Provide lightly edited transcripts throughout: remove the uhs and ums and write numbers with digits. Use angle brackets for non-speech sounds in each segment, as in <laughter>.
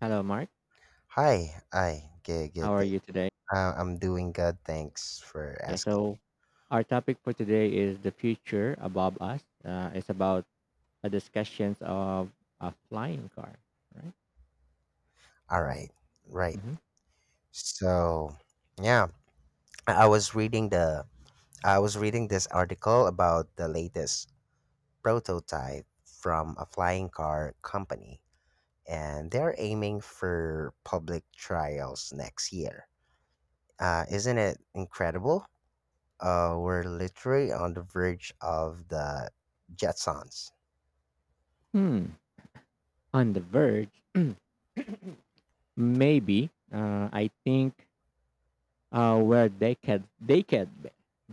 Hello, Mark. Hi, hi. Good, How good are day. you today? I'm doing good. Thanks for Yeah, asking. so our topic for today is the future above us. It's about a discussions of a flying car, right? All right, right. hmm So, yeah, I was reading the I was reading this article about the latest prototype from a flying car company, and they're aiming for public trials next year. Isn't it incredible? We're literally on the verge of the Jetsons. Hmm. On the verge, <clears throat> maybe. I think we're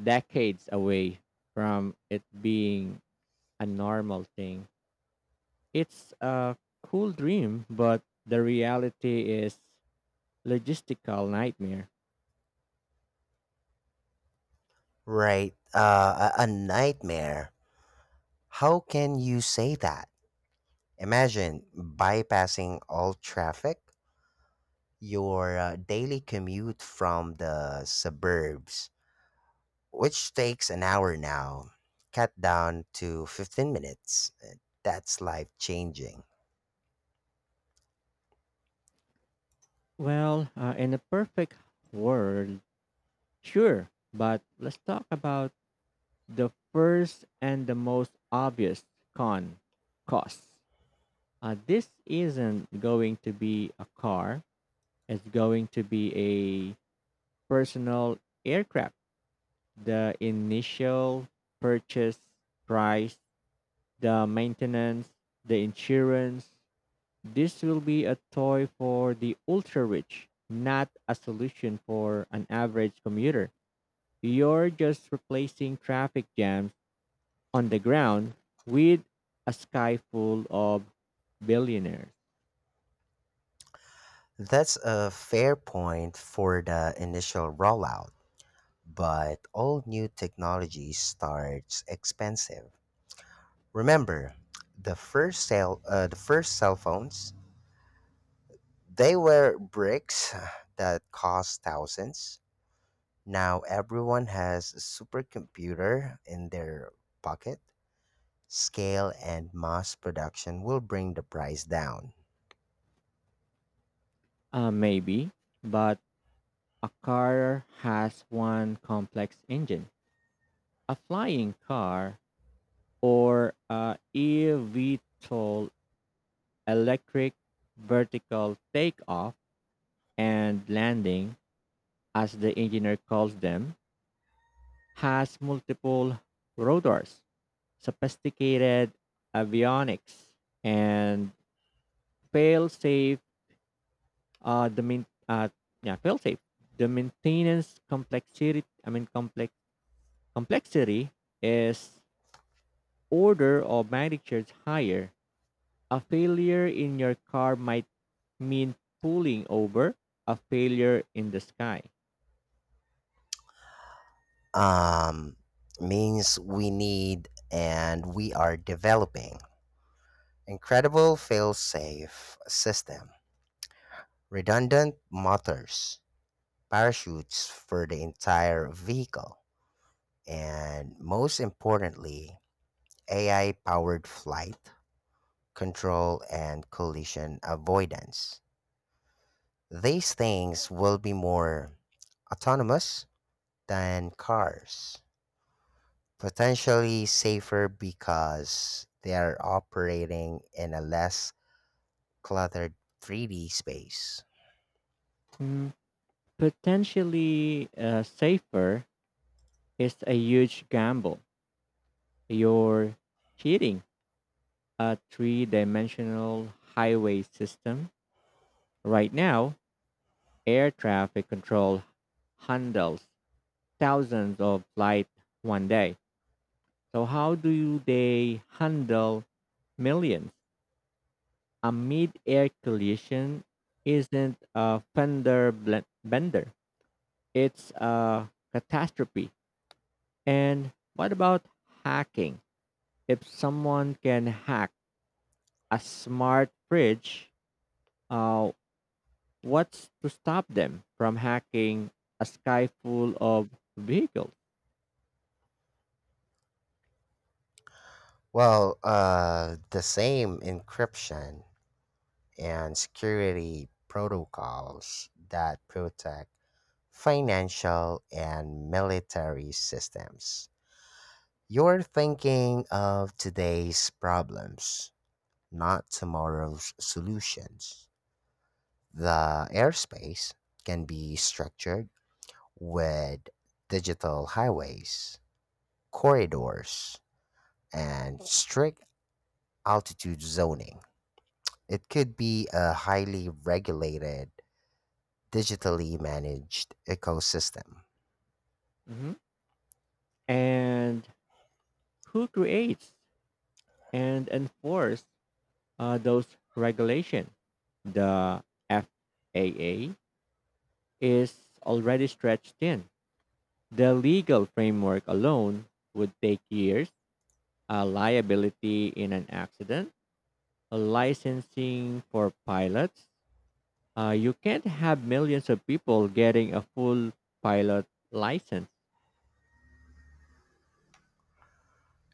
decades away from it being a normal thing. It's a cool dream, but the reality is logistical nightmare. Right. A nightmare. How can you say that? Imagine bypassing all traffic, your daily commute from the suburbs, which takes an hour now, cut down to 15 minutes. That's life changing. Well, in a perfect world, sure. But let's talk about the first and the most obvious con cost. This isn't going to be a car, it's going to be a personal aircraft. The initial purchase price, the maintenance, the insurance. This will be a toy for the ultra rich, not a solution for an average commuter. You're just replacing traffic jams on the ground with a sky full of billionaires. That's a fair point for the initial rollout, but all new technology starts expensive. Remember, the first cell phones. They were bricks that cost thousands. Now everyone has a supercomputer in their pocket. Scale and mass production will bring the price down. Maybe, but a car has one complex engine. A flying car or a eVTOL, electric vertical takeoff and landing, as the engineer calls them, has multiple rotors, sophisticated avionics, and fail safe the main yeah fail safe, the maintenance complexity I mean complex complexity is order of magnitude higher. A failure in your car might mean pulling over, a failure in the sky. Um, Means we need, and we are developing incredible fail-safe system, redundant motors, parachutes for the entire vehicle, and most importantly, AI-powered flight control, and collision avoidance. These things will be more autonomous than cars, potentially safer because they are operating in a less cluttered 3D space. Mm, potentially safer is a huge gamble. You're cheating a three-dimensional highway system right now. Air traffic control handles thousands of flights 1 day. So how do they handle millions? A mid-air collision isn't a bender. It's a catastrophe. And what about hacking? If someone can hack a smart fridge, uh, what's to stop them from hacking a sky full of vehicles? Well, the same encryption and security protocols that protect financial and military systems. You're thinking of today's problems, not tomorrow's solutions. The airspace can be structured with digital highways, corridors, and strict altitude zoning. It could be a highly regulated, digitally managed ecosystem. Mhm. And who creates and enforce those regulation? The FAA is already stretched thin. The legal framework alone would take years. A liability in an accident, licensing for pilots. You can't have millions of people getting a full pilot license.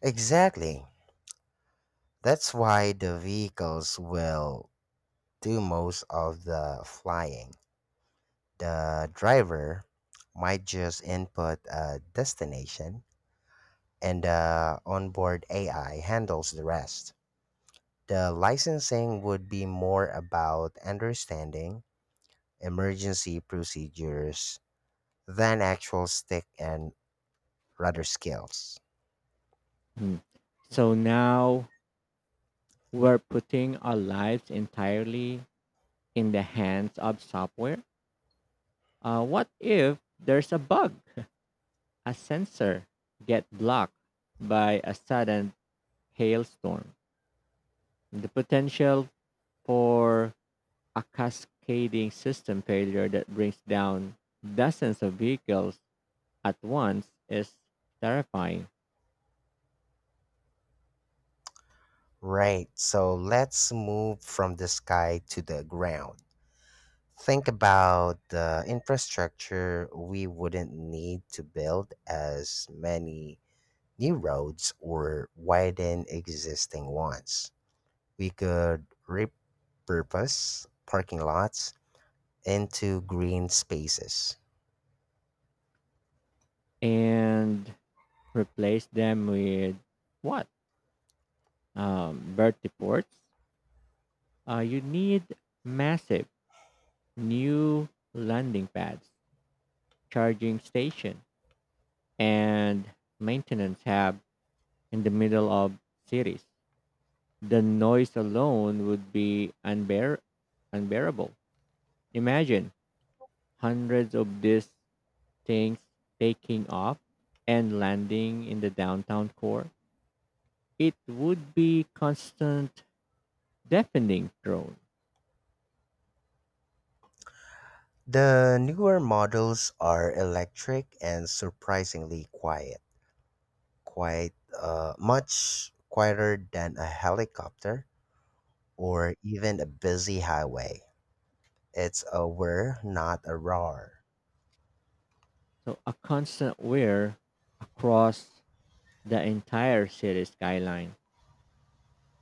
Exactly. That's why the vehicles will do most of the flying. The driver might just input a destination and the onboard AI handles the rest. The licensing would be more about understanding emergency procedures than actual stick and rudder skills. Mm. So now we're putting our lives entirely in the hands of software. What if there's a bug, a sensor get blocked by a sudden hailstorm? The potential for a cascading system failure that brings down dozens of vehicles at once is terrifying. Right, so let's move from the sky to the ground. Think about the infrastructure. We wouldn't need to build as many new roads or widen existing ones. We could repurpose parking lots into green spaces. And replace them with what? Bertie ports. You need massive new landing pads, charging station, and maintenance hub in the middle of cities. The noise alone would be unbearable. Imagine hundreds of these things taking off and landing in the downtown core. It would be constant deafening drone. The newer models are electric and surprisingly quiet, quite much quieter than a helicopter or even a busy highway. It's a whir, not a roar, So a constant wear across the entire city skyline.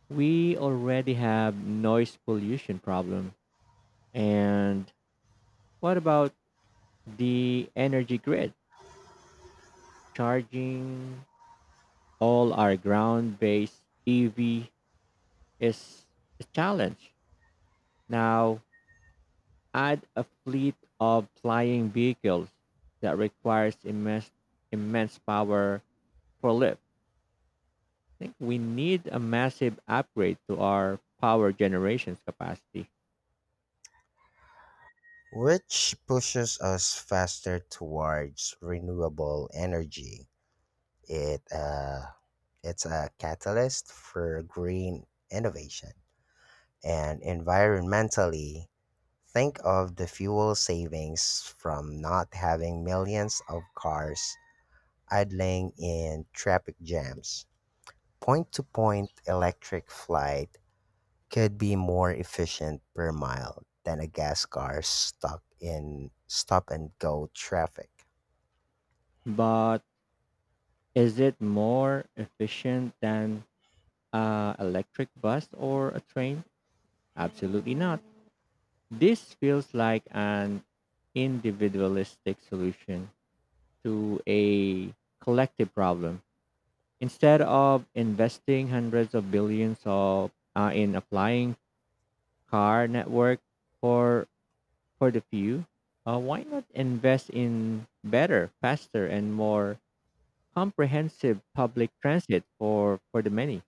We already have noise pollution problem. And what about the energy grid? Charging all our ground-based EV is a challenge. Now add a fleet of flying vehicles that requires immense power for lift. Think we need a massive upgrade to our power generation's capacity. which pushes us faster towards renewable energy. It uh, it's a catalyst for green innovation. And environmentally, think of the fuel savings from not having millions of cars idling in traffic jams. Point to point electric flight could be more efficient per mile than a gas car stuck in stop and go traffic. But is it more efficient than an electric bus or a train? Absolutely not. This feels like an individualistic solution to a collective problem. Instead of investing hundreds of billions of in applying car network for for the few, why not invest in better, faster, and more comprehensive public transit for the many?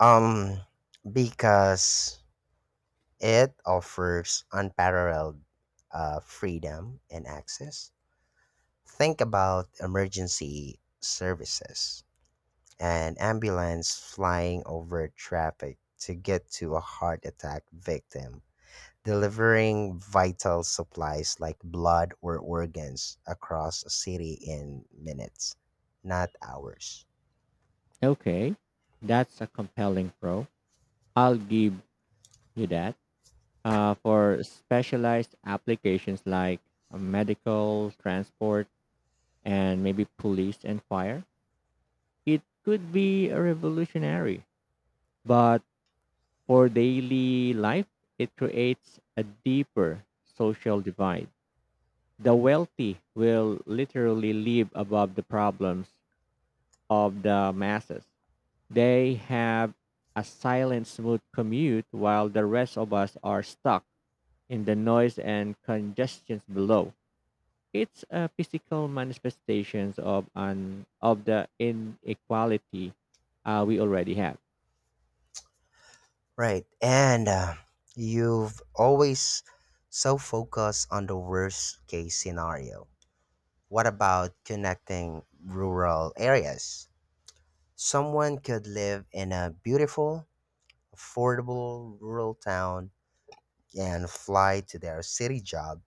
Um, because it offers unparalleled freedom and access. Think about emergency services, an ambulance flying over traffic to get to a heart attack victim, delivering vital supplies like blood or organs across a city in minutes, not hours. Okay, that's a compelling pro. I'll give you that. For specialized applications like medical, transport, and maybe police and fire, it could be a revolutionary. But for daily life, it creates a deeper social divide. The wealthy will literally live above the problems of the masses. They have a silent, smooth commute while the rest of us are stuck in the noise and congestions below. It's a physical manifestations of an of the inequality we already have. Right. And You've always so focused on the worst case scenario. What about connecting rural areas? Someone could live in a beautiful, affordable rural town and fly to their city job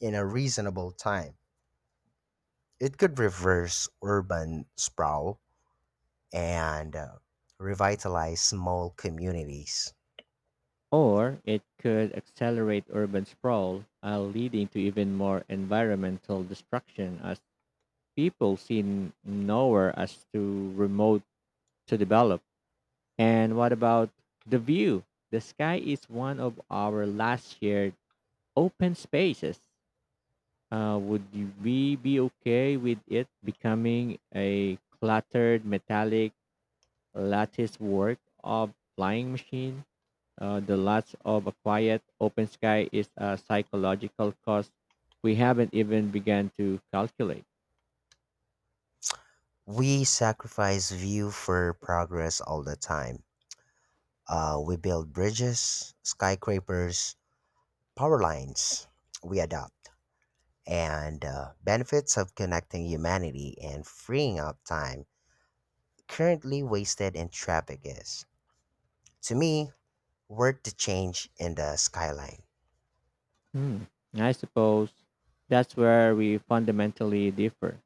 in a reasonable time. It could reverse urban sprawl and revitalize small communities. Or it could accelerate urban sprawl, leading to even more environmental destruction as people seen nowhere as too remote to develop. And what about the view? The sky is one of our last shared open spaces. We be okay with it becoming a cluttered metallic lattice work of flying machine? The loss of a quiet open sky is a psychological cost we haven't even begun to calculate. We sacrifice view for progress all the time. We build bridges, skyscrapers, power lines. We adapt. And benefits of connecting humanity and freeing up time currently wasted in traffic is, to me, worth the change in the skyline. Hmm, I suppose that's where we fundamentally differ.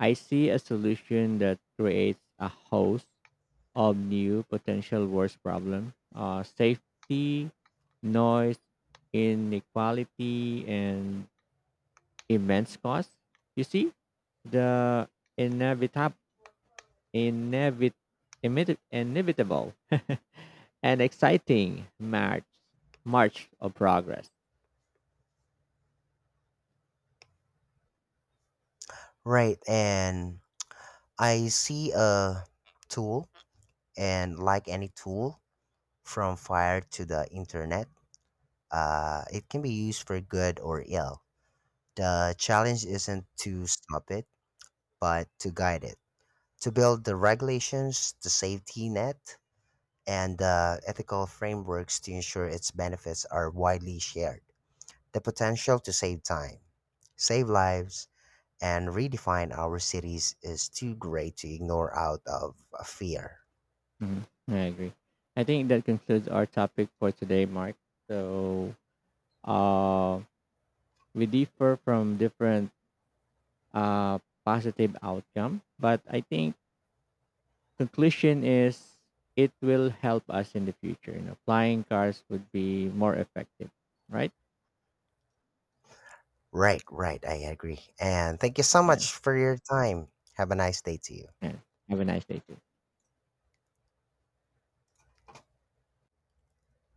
I see a solution that creates a host of new potential worst problem, safety, noise, inequality, and immense cost. You see, the inevitable, inevit, inevitable, <laughs> and exciting march of progress. Right, and I see a tool, and like any tool, from fire to the internet, it can be used for good or ill. The challenge isn't to stop it, but to guide it, to build the regulations, the safety net, and ethical frameworks to ensure its benefits are widely shared. The potential to save time, save lives, and redefine our cities is too great to ignore out of fear. Mhm. I agree. I think that concludes our topic for today, Mark. So uh, we differ from different uh, positive outcome, but I think conclusion is it will help us in the future. You know, flying cars would be more effective, right? Right, right, I agree. And thank you so Yeah. much for your time. Have a nice day to you. Yeah. Have a nice day too.